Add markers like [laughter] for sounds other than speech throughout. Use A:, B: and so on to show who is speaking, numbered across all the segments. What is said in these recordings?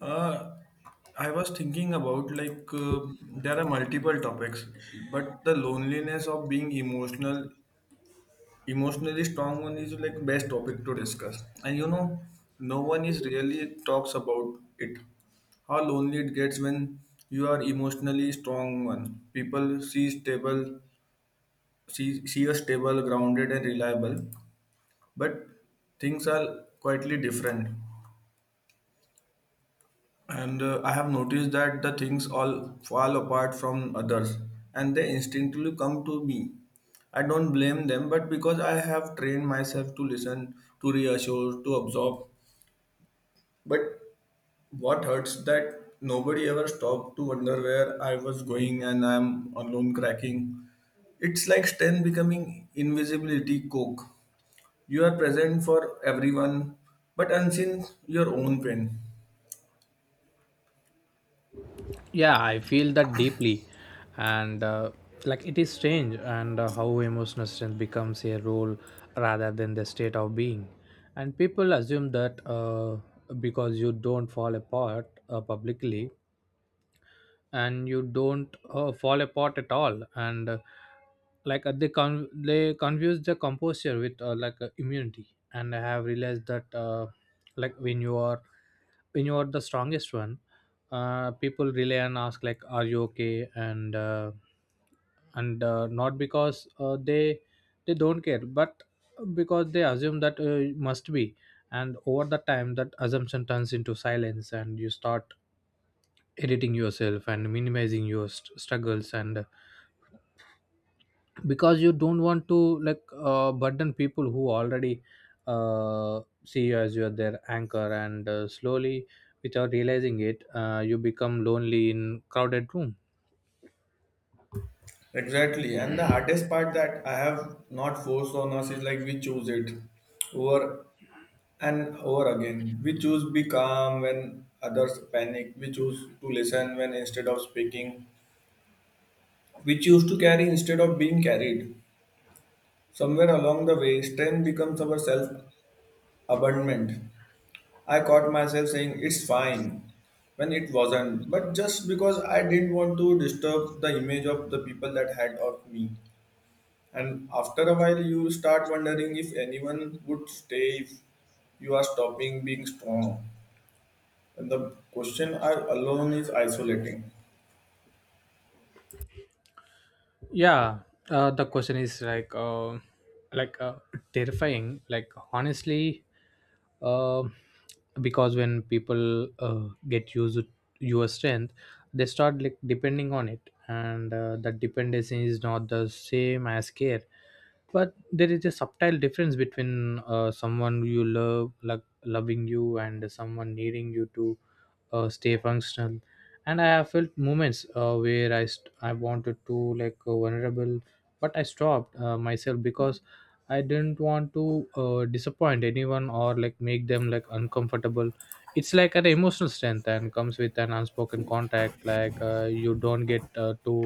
A: Uh, I was thinking about like there are multiple topics, but the loneliness of being emotional, emotionally strong one is like best topic to discuss. And you know, no one is really talks about it. How lonely it gets when you are emotionally strong one. People see stable, see a stable, grounded, and reliable, but things are quietly different. And I have noticed that the things all fall apart from others, and they instinctively come to me. I don't blame them, but because I have trained myself to listen, to reassure, to absorb. But what hurts that nobody ever stopped to wonder where I was going, and I'm alone cracking. It's like strength becoming invisibility coke. You are present for everyone, but unseen your own pain.
B: Yeah, I feel that deeply. And like it is strange, and how emotional strength becomes a role rather than the state of being. And people assume that, because you don't fall apart publicly, and you don't fall apart at all, and like, they confuse the composure with, like, immunity. And I have realized that, like when you are, when you are the strongest one, people relay and ask like are you okay, and and not because, they don't care, but because they assume that, it must be. And over the time that assumption turns into silence, and you start editing yourself and minimizing your struggles, and because you don't want to, like, burden people who already, see you as you're their anchor. And slowly, without realizing it, you become lonely in crowded room.
A: Exactly. And the hardest part that I have not forced on us is like we choose it over and over again. We choose be calm when others panic. We choose to listen when instead of speaking. We choose to carry instead of being carried. Somewhere along the way, strength becomes our self abandonment. I caught myself saying it's fine when it wasn't, but just because I didn't want to disturb the image of the people that had of me. And after a while, you start wondering if anyone would stay if you are stopping being strong. And the question I alone is isolating.
B: Yeah. The question is, like, like, terrifying, like, honestly. uh, because when people, get used to your strength, they start like depending on it, and that dependency is not the same as care. But there is a subtle difference between, someone you love like loving you, and someone needing you to, stay functional. And I have felt moments, where I wanted to, like, vulnerable. But I stopped, myself, because I didn't want to, disappoint anyone, or like make them like uncomfortable. It's like an emotional strength and comes with an unspoken contact. Like, you don't get, to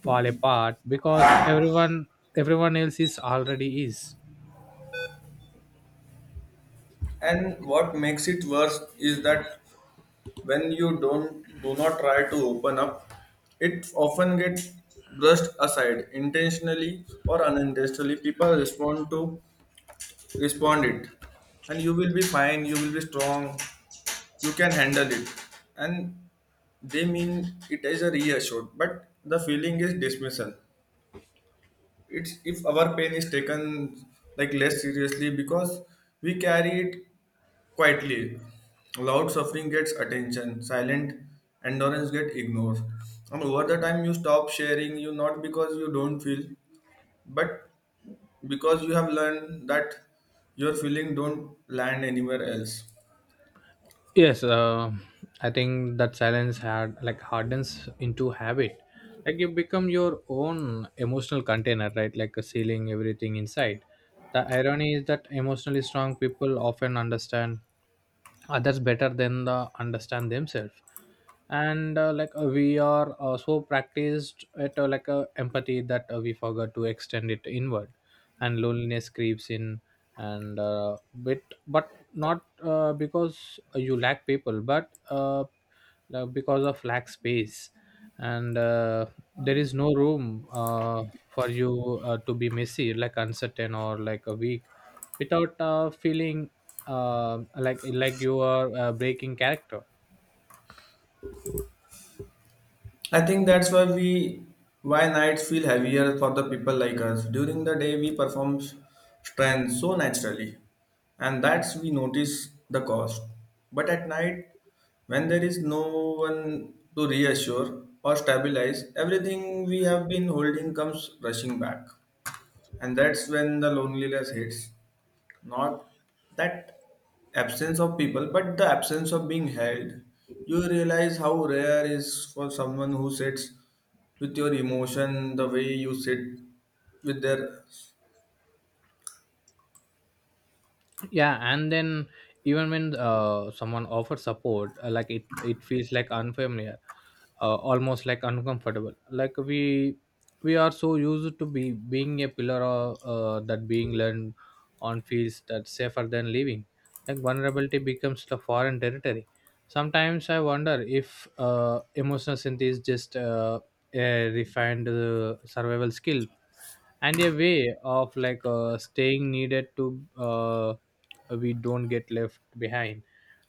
B: fall apart because everyone else is already is.
A: And what makes it worse is that when you don't do not try to open up, it often gets brushed aside intentionally or unintentionally. People respond it, and you will be fine, you will be strong, you can handle it. And they mean it is a reassured, but the feeling is dismissal. It's if our pain is taken like less seriously because we carry it quietly. Loud suffering gets attention, silent endurance get ignored. And over the time you stop sharing you, not because you don't feel, but because you have learned that your feeling don't land anywhere else.
B: Yes, I think that silence had like hardens into habit. Like you become your own emotional container, right? Like a sealing everything inside. The irony is that emotionally strong people often understand others better than the understand themselves, and like, we are, so practiced at, like, empathy that, we forgot to extend it inward. And loneliness creeps in, and bit but not, because you lack people, but, uh, like, because of lack space, and there is no room, for you, to be messy like uncertain or like a weak, without, feeling, like, you are, breaking character.
A: I think that's why we why nights feel heavier for the people like us. During the day we perform strength so naturally, and that's we notice the cost. But at night, when there is no one to reassure or stabilize, everything we have been holding comes rushing back. And that's when the loneliness hits. Not that absence of people, but the absence of being held. You realize how rare is for someone who sits with your emotion the way you sit with their.
B: Yeah, and then, even when, someone offers support, like it feels like unfamiliar, almost like uncomfortable. Like we are so used to be being a pillar of, that being learned on fields that safer than living, like vulnerability becomes the foreign territory. Sometimes I wonder if, emotional synth is just, a refined, survival skill, and a way of like, staying needed to, we don't get left behind.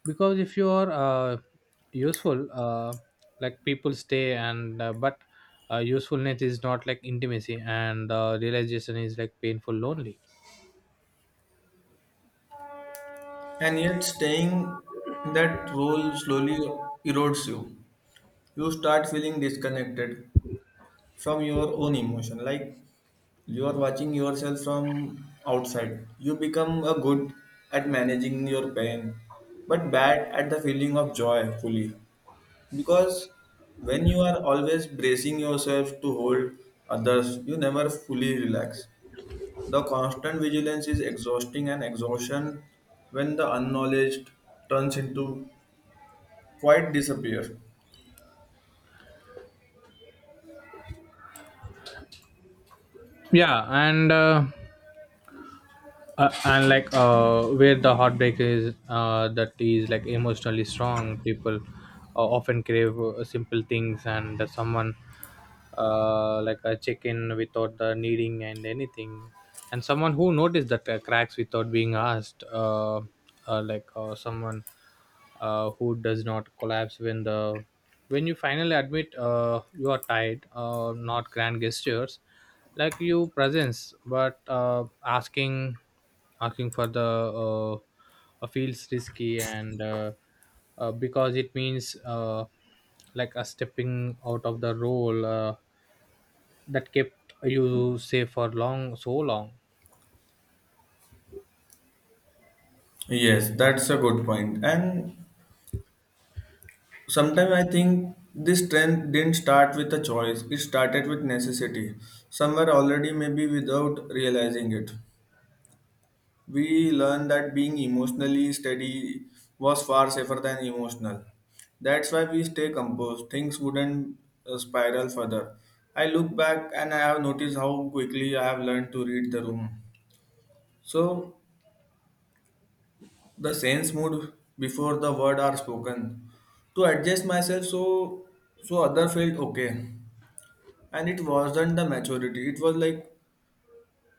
B: Because if you are, useful, like people stay, and but, usefulness is not like intimacy, and realization is like painful, lonely.
A: And yet staying in that role slowly erodes you. You start feeling disconnected from your own emotion, like you are watching yourself from outside. You become a good at managing your pain, but bad at the feeling of joy fully. Because when you are always bracing yourself to hold others, you never fully relax. The constant vigilance is exhausting, and exhaustion, when the unknowledged, turns into quite disappear.
B: Yeah. And like, where the heartbreak is, that is like emotionally strong people, often crave, simple things, and the someone, like a check-in without the needing and anything, and someone who noticed that, cracks without being asked, like, someone, who does not collapse when the, when you finally admit, you are tired, not grand gestures, like you presence, but, asking for the, uh, feels risky, and because it means, like a stepping out of the role, that kept you safe for long so long.
A: Yes, that's a good point. And sometimes I think this trend didn't start with a choice, it started with necessity, somewhere already, maybe without realizing it. We learned that being emotionally steady was far safer than emotional. That's why we stay composed. Things wouldn't spiral further. I look back and I have noticed how quickly I have learned to read the room. So, the sense mood before the word are spoken to adjust myself so so other felt okay, and it wasn't the maturity, it was like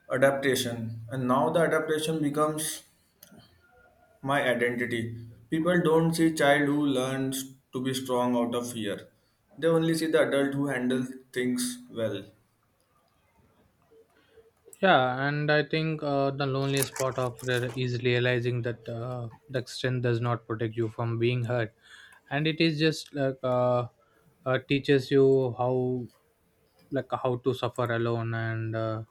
A: adaptation, and now the adaptation becomes my identity. People don't see child who learns to be strong out of fear. They only see the adult who handles things well.
B: Yeah, and I think, the loneliest part of it is realizing that, the extent does not protect you from being hurt, and it is just like, teaches you how to suffer alone, and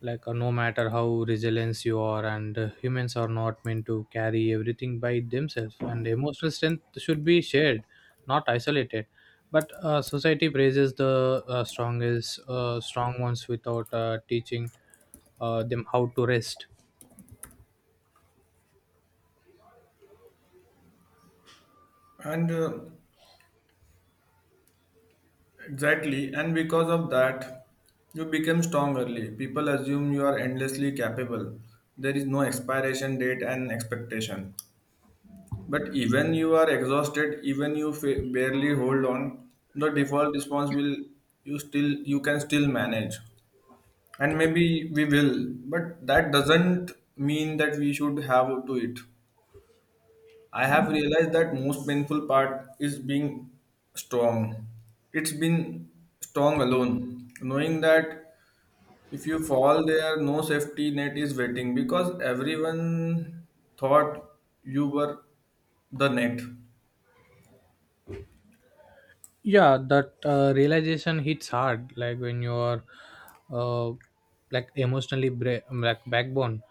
B: like, no matter how resilient you are, and humans are not meant to carry everything by themselves, and emotional strength should be shared, not isolated, but, society praises the, strong ones, without, teaching, them how to rest.
A: And exactly, and because of that, you become strong early. People assume you are endlessly capable. There is no expiration date and expectation. But even you are exhausted, even you barely hold on, the default response will you still you can still manage. And maybe we will, but that doesn't mean that we should have to it. I have realized that most painful part is being strong. It's been strong alone knowing that if you fall there no safety net is waiting because everyone thought you were the net.
B: Yeah, that, realization hits hard. Like when you are, uh, like emotionally backbone,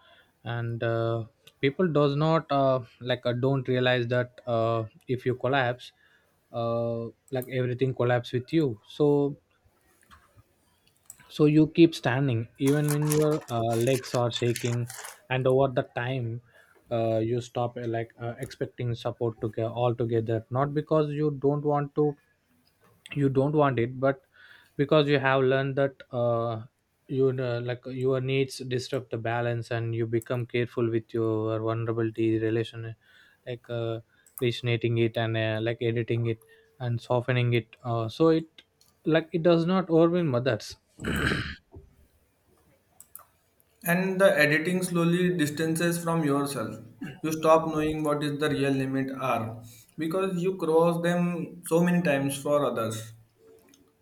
B: and people does not like don't realize that, if you collapse, uh, like everything collapse with you. So, you keep standing even when your, legs are shaking, and over the time, you stop, like, expecting support to get all, not because you don't want it, but because you have learned that, like your needs disrupt the balance, and you become careful with your vulnerability relation, like, resonating it, and like editing it, and softening it, so it, like, it does not overwhelm others.
A: And the editing slowly distances from yourself. You stop knowing what is the real limit are because you cross them so many times for others.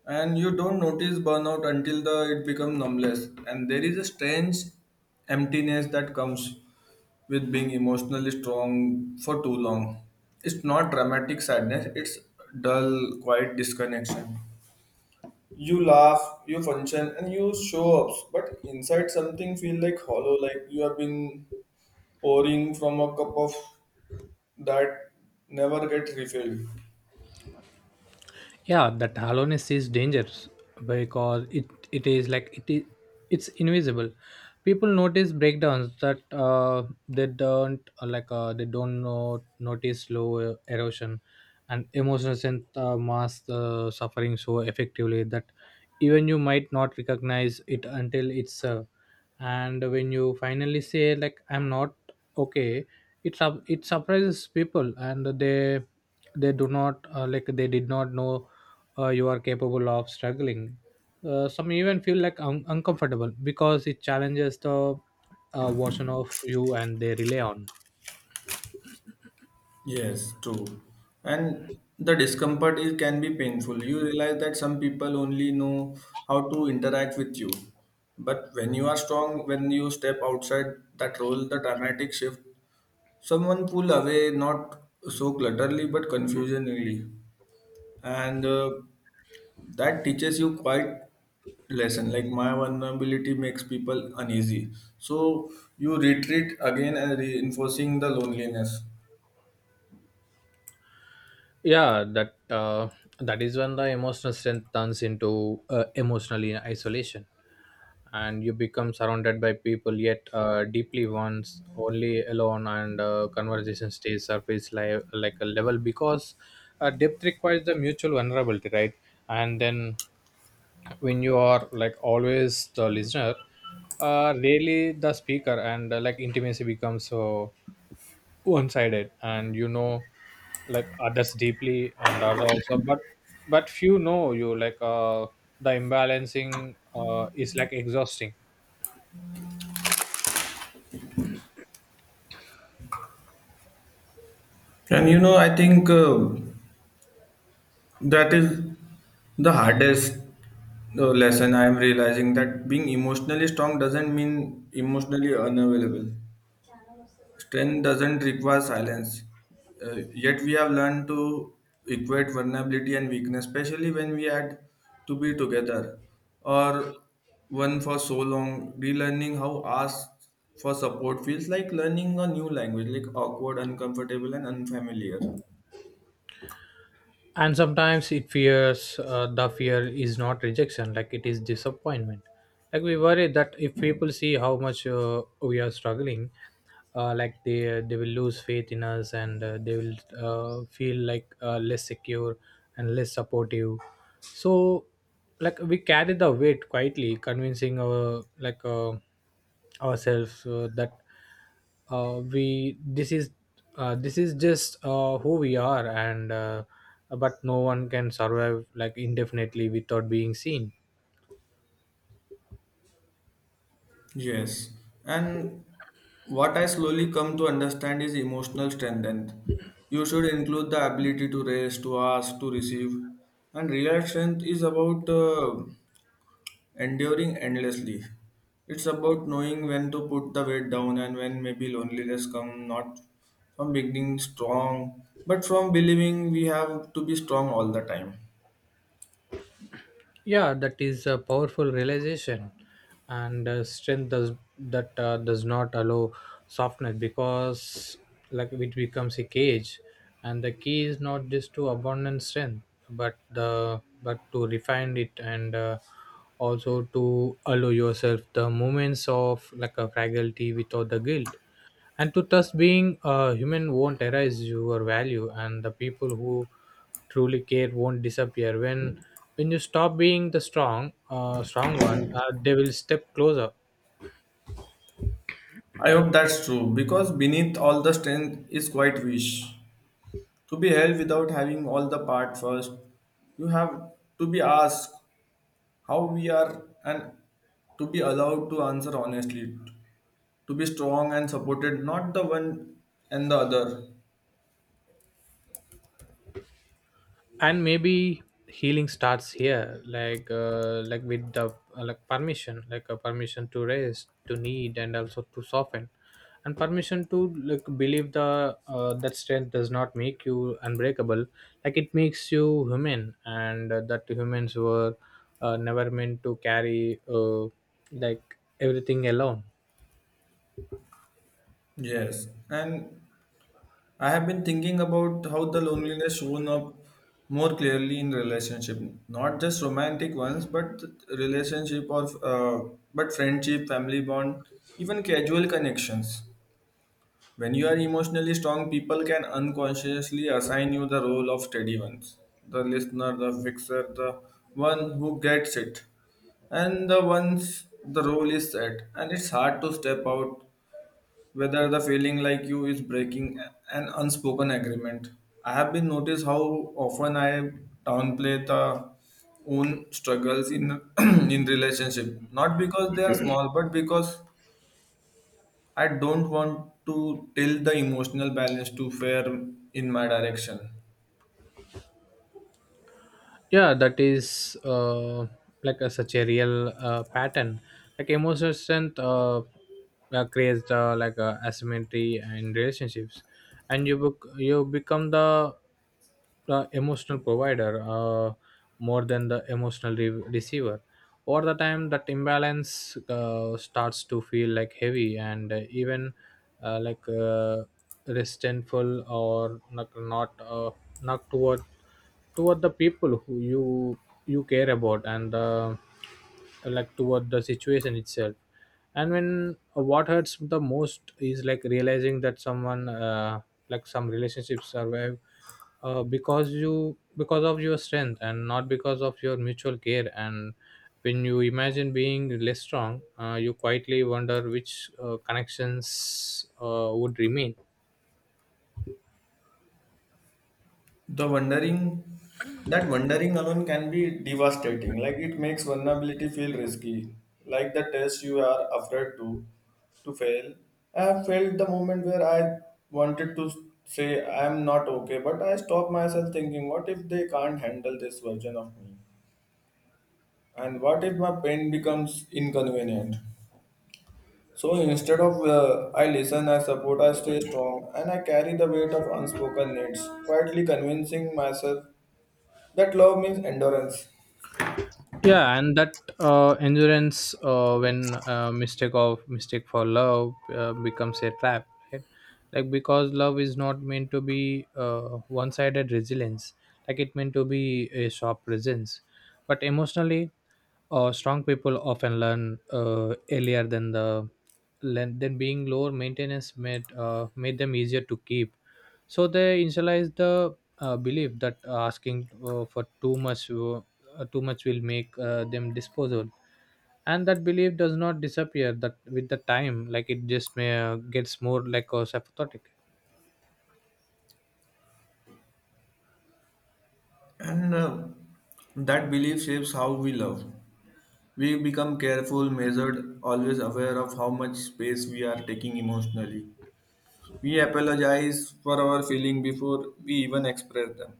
A: And you don't notice burnout until the it becomes numbless. And there is a strange emptiness that comes with being emotionally strong for too long. It's not dramatic sadness, it's dull, quiet disconnection. You laugh, you function, and you show ups, but inside something feel like hollow, like you have been pouring from a cup of that never gets refilled.
B: Yeah, that hollowness is dangerous, because it is like it's invisible. People notice breakdowns, that, they don't, like, they don't know, notice slow erosion. And emotions, and mask, suffering so effectively, that even you might not recognize it until it's, and when you finally say like I'm not okay, it surprises people, and they do not, like, they did not know, you are capable of struggling. Some even feel like uncomfortable, because it challenges the, version of you, and they rely on.
A: Yes, true. And the discomfort is, can be painful. You realize that some people only know how to interact with you. But when you are strong, when you step outside that role, the dramatic shift, someone pull away not so clutterly but confusionally. And that teaches you quite lesson like my vulnerability makes people uneasy, so you retreat again and reinforcing the loneliness.
B: Yeah, uh, that is when the emotional strength turns into, emotional isolation, and you become surrounded by people, yet, deeply once only alone, and conversation stays surface like a level, because, depth requires the mutual vulnerability, right? And then, when you are like always the listener, really the speaker, and like intimacy becomes so one-sided, and you know like others deeply and others also, but few know you, like, the imbalancing, is like exhausting.
A: And you know, I think that is the hardest lesson I am realizing that being emotionally strong doesn't mean emotionally unavailable. Strength doesn't require silence. Yet we have learned to equate vulnerability and weakness, especially when we had to be together or one for so long. Relearning how ask for support feels like learning a new language, like awkward, uncomfortable, and unfamiliar.
B: And sometimes it fears, the fear is not rejection, like it is disappointment. Like we worry that if people see how much, we are struggling, like, they will lose faith in us, and they will, feel like, less secure and less supportive, so like we carry the weight quietly, convincing ourselves, that, we this is just, who we are, and but no one can survive like indefinitely without being seen.
A: Yes, and what I slowly come to understand is emotional strength. And you should include the ability to raise, to ask, to receive. And real strength is about enduring endlessly. It's about knowing when to put the weight down and when maybe loneliness come not from beginning strong, but from believing we have to be strong all the time.
B: Yeah, that is a powerful realization, and strength does not allow softness, because like it becomes a cage. And the key is not just to abandon strength, but to refine it, and also to allow yourself the moments of like a fragility without the guilt, and to thus being a human won't erase your value, and the people who truly care won't disappear, when you stop being the strong strong one, they will step closer.
A: I hope that's true because beneath all the strength is quite wish to be held without having all the part first. You have to be asked how we are, and to be allowed to answer honestly, to be strong and supported, not the one and the other.
B: And maybe healing starts here, like, like with the, like permission, like a permission to rest, to need, and also to soften, and permission to like believe the, that strength does not make you unbreakable, like it makes you human, and that humans were, never meant to carry, like, everything alone.
A: Yes, and I have been thinking about how the loneliness shown up more clearly in relationship, not just romantic ones, but relationship or but friendship, family bond, even casual connections. When you are emotionally strong, people can unconsciously assign you the role of steady ones, the listener, the fixer, the one who gets it, and the ones the role is set, and it's hard to step out whether the feeling like you is breaking an unspoken agreement. I have been noticed how often I downplay the own struggles in [clears throat] in relationship, not because they are small, but because I don't want to tilt the emotional balance to fair in my direction.
B: Yeah, that is, like, a, such a real, pattern. Like emotional strength, creates, like, asymmetry in relationships, and you become the emotional provider, more than the emotional receiver. Over the time, that imbalance, starts to feel like heavy, and even, like, resentful, or not toward, the people who you care about, and like toward the situation itself. And when, what hurts the most is like realizing that some relationships survive, because you because of your strength, and not because of your mutual care. And when you imagine being less strong, you quietly wonder which, connections, would remain.
A: The wondering, that wondering alone can be devastating. Like it makes vulnerability feel risky, like the test you are afraid to fail. I have felt the moment where I wanted to say I am not okay, but I stopped myself thinking, what if they can't handle this version of me, and what if my pain becomes inconvenient? So instead of I listen, I support, I stay strong, and I carry the weight of unspoken needs, quietly convincing myself that love means endurance.
B: Yeah, and that, endurance, when, mistake for love, becomes a trap, right? Like, because love is not meant to be, one-sided resilience, like it meant to be a sharp presence. But emotionally, strong people often learn, earlier than the, then being lower maintenance, made them easier to keep, so they initialized the, belief that, asking, for too much will make, them disposable, and that belief does not disappear that with the time, like it just may, gets more like a sympathetic.
A: And that belief shapes how we love. We become careful, measured, always aware of how much space we are taking emotionally. We apologize for our feeling before we even express them.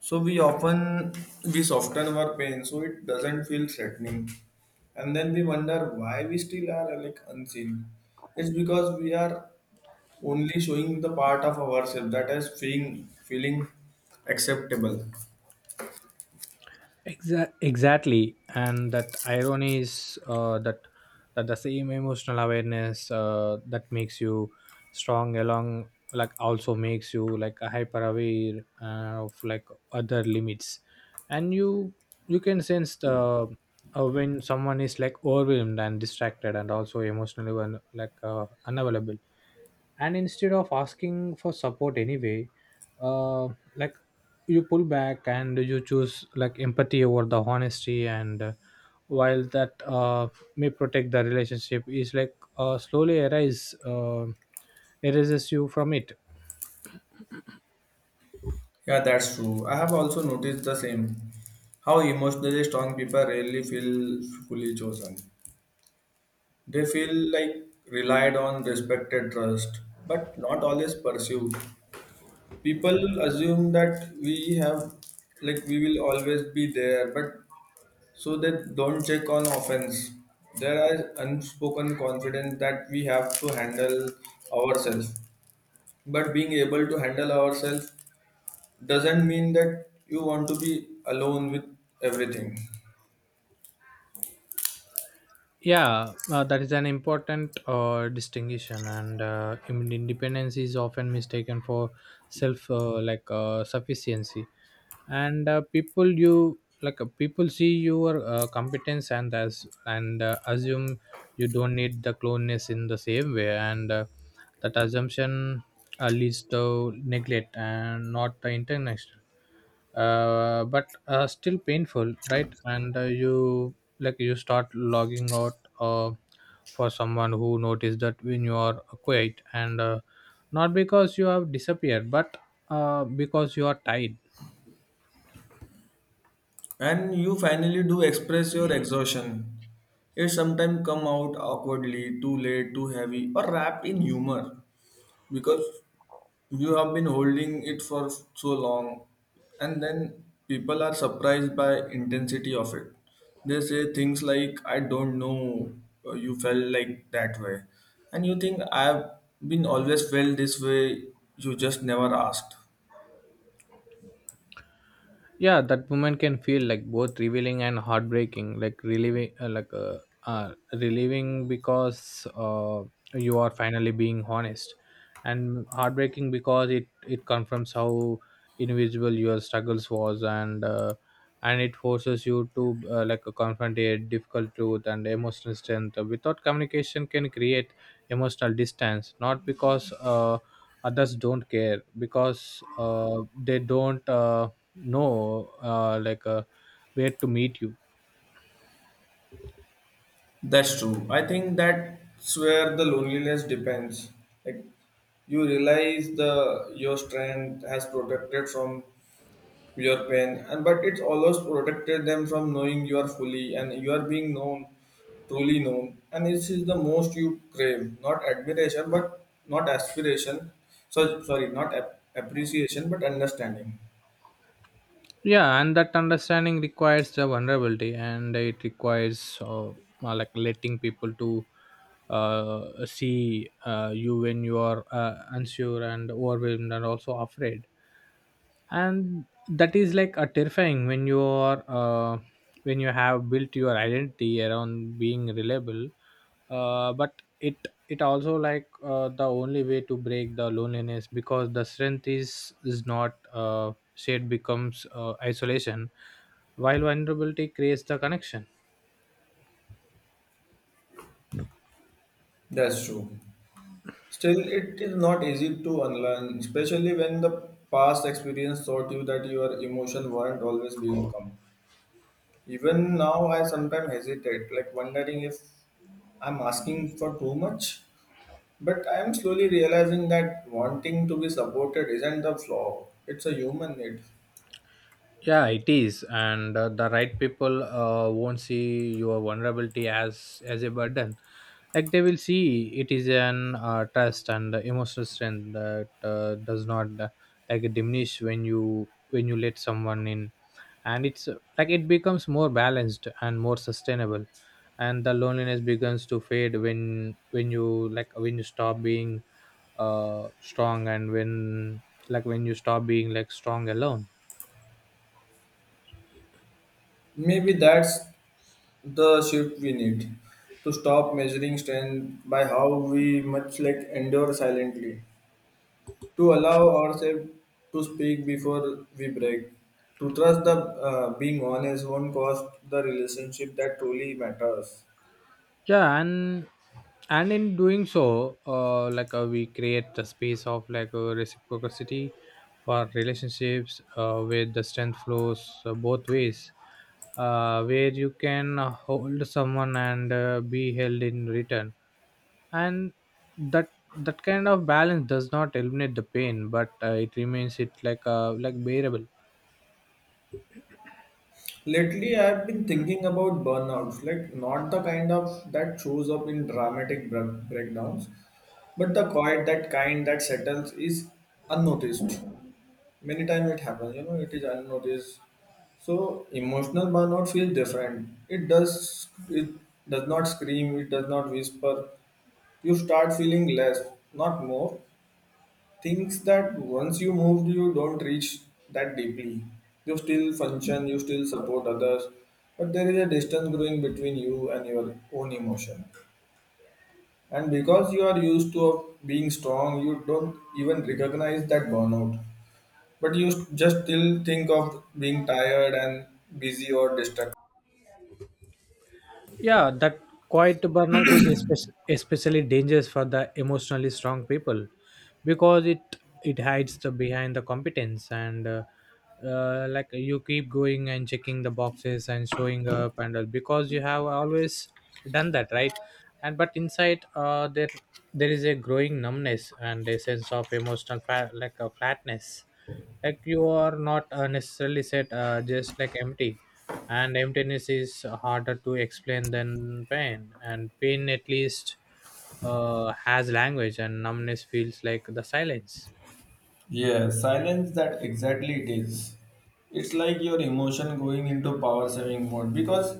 A: So we often we soften our pain so it doesn't feel threatening. And then we wonder why we still are like unseen. It's because we are only showing the part of ourselves that is feeling acceptable.
B: Exactly, and that irony is, that the same emotional awareness, that makes you strong along, like also makes you like a hyper aware, of like other limits, and you can sense the, when someone is like overwhelmed and distracted, and also emotionally unavailable, and instead of asking For support anyway, uh, like you pull back and you choose empathy over the honesty and While that may protect the relationship, is slowly arise, erases you from it.
A: Yeah, that's true. I have also noticed the same. How emotionally strong people rarely feel fully chosen. They feel like relied on, respected, trust, but not always pursued. People assume that we have, like, we will always be there, but so they don't check on offense. There are unspoken confidence that we have to handle ourselves. But being able to handle ourselves doesn't mean that you want to be alone with everything.
B: Yeah, that is an important distinction, and independence is often mistaken for self sufficiency, and people see your competence and assume you don't need the cloneness in the same way, and that assumption leads to neglect and not the international, but still painful, right? And you start logging out, for someone who noticed that when you are quiet, and not because you have disappeared but because you are tired.
A: And you finally do express your exhaustion, it sometimes come out awkwardly, too late, too heavy or wrapped in humor, because you have been holding it for so long. And then people are surprised by intensity of it. They say things like I don't know, you felt like that way. And you think I've been always felt this way, you just never asked.
B: Yeah, that moment can feel like both revealing and heartbreaking, like relieving because you are finally being honest, and heartbreaking because it confirms how invisible your struggles was. And it forces you to confront a difficult truth, and emotional strength without communication can create emotional distance, not because others don't care, because they don't know where to meet you.
A: That's true. I think that's where the loneliness depends. Like you realize the your strength has protected from your pain, and but it's almost protected them from knowing you are fully and you are being known, truly known. And this is the most you crave, not admiration, but not aspiration. So sorry, not appreciation, but understanding.
B: Yeah, and that understanding requires the vulnerability, and it requires letting people to see you when you are unsure and overwhelmed and also afraid, and that is like a terrifying when you are when you have built your identity around being reliable. But it also the only way to break the loneliness, because the strength is not shared, becomes isolation, while vulnerability creates the connection.
A: That's true. Still, it is not easy to unlearn, especially when the past experience taught you that your emotions weren't always welcome. Even now, I sometimes hesitate, like wondering if I'm asking for too much. But I am slowly realizing that wanting to be supported isn't the flaw, it's a human need.
B: Yeah, it is, and the right people won't see your vulnerability as a burden. Like, they will see it is an trust and emotional strength that does not diminish when you let someone in, and it's it becomes more balanced and more sustainable, and the loneliness begins to fade when you stop being strong, and when when you stop being like strong alone.
A: Maybe that's the shift we need to stop measuring strength by how we much like endure silently, to allow ourselves to speak before we break, to trust the being honest won't cost the relationship that truly matters.
B: Yeah, and in doing so, we create the space of reciprocity for relationships, where the strength flows both ways, where you can hold someone and be held in return, and that kind of balance does not eliminate the pain, but it remains it like bearable.
A: Lately, I've been thinking about burnouts, like not the kind of that shows up in dramatic breakdowns, but the quiet, that kind that settles is unnoticed. Many times it happens, you know, it is unnoticed. So emotional burnout feels different. It does not scream, it does not whisper. You start feeling less, not more, things that once you moved, you don't reach that deeply. You still function, you still support others, but there is a distance growing between you and your own emotion. And because you are used to being strong, you don't even recognize that burnout. But you just still think of being tired and busy or distracted.
B: Yeah, that quiet burnout is especially dangerous for the emotionally strong people, because it hides the behind the competence, and you keep going and checking the boxes and showing up and all, because you have always done that, right? And but inside, there is a growing numbness and a sense of emotional a flatness, like you are not necessarily set, just like empty. And emptiness is harder to explain than pain, and pain at least has language, and numbness feels like the silence.
A: Yeah, silence that exactly it is. It's like your emotion going into power saving mode because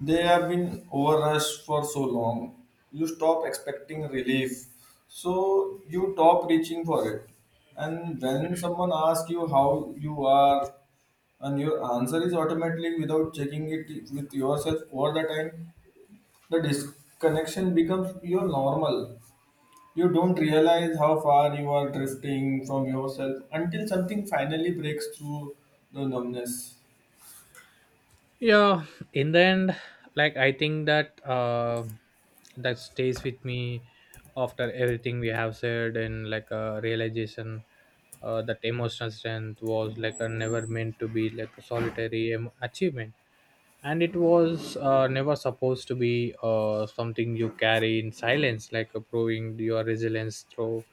A: they have been overrushed for so long. You stop expecting relief, so you stop reaching for it. And when someone asks you how you are, and your answer is automatically without checking it with yourself all the time, the disconnection becomes your normal. You don't realize how far you are drifting from yourself until something finally breaks through the numbness.
B: Yeah, in the end, I think that that stays with me after everything we have said, and like a realization that emotional strength was like a never meant to be like a solitary achievement, and it was never supposed to be something you carry in silence, proving your resilience through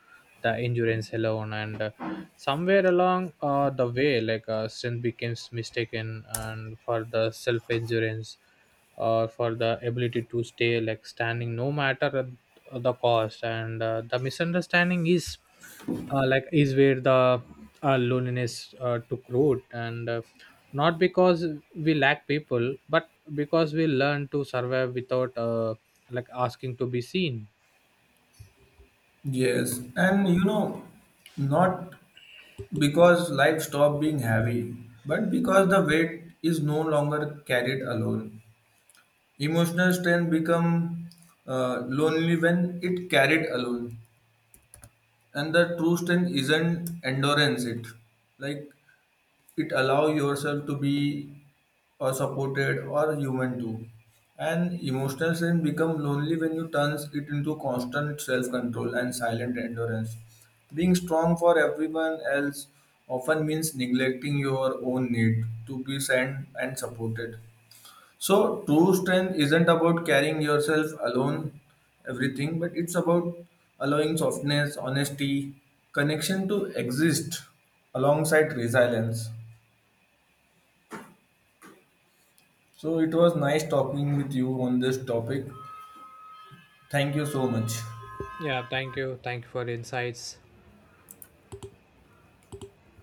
B: the endurance alone. And somewhere along the way, strength becomes mistaken and for the self endurance, for the ability to stay like standing no matter the cost. And the misunderstanding is is where the loneliness took root, and not because we lack people, but because we learn to survive without asking to be seen.
A: Yes, and you know, not because life stopped being heavy, but because the weight is no longer carried alone. Emotional strength become lonely when it carried alone, and the true strength isn't endurance. It like it allow yourself to be or supported or human too. And emotional strength become lonely when you turns it into constant self-control and silent endurance. Being strong for everyone else often means neglecting your own need to be sent and supported. So true strength isn't about carrying yourself alone everything, but it's about allowing softness, honesty, connection to exist alongside resilience. So it was nice talking with you on this topic. Thank you so much.
B: Yeah, thank you, thank you for the insights.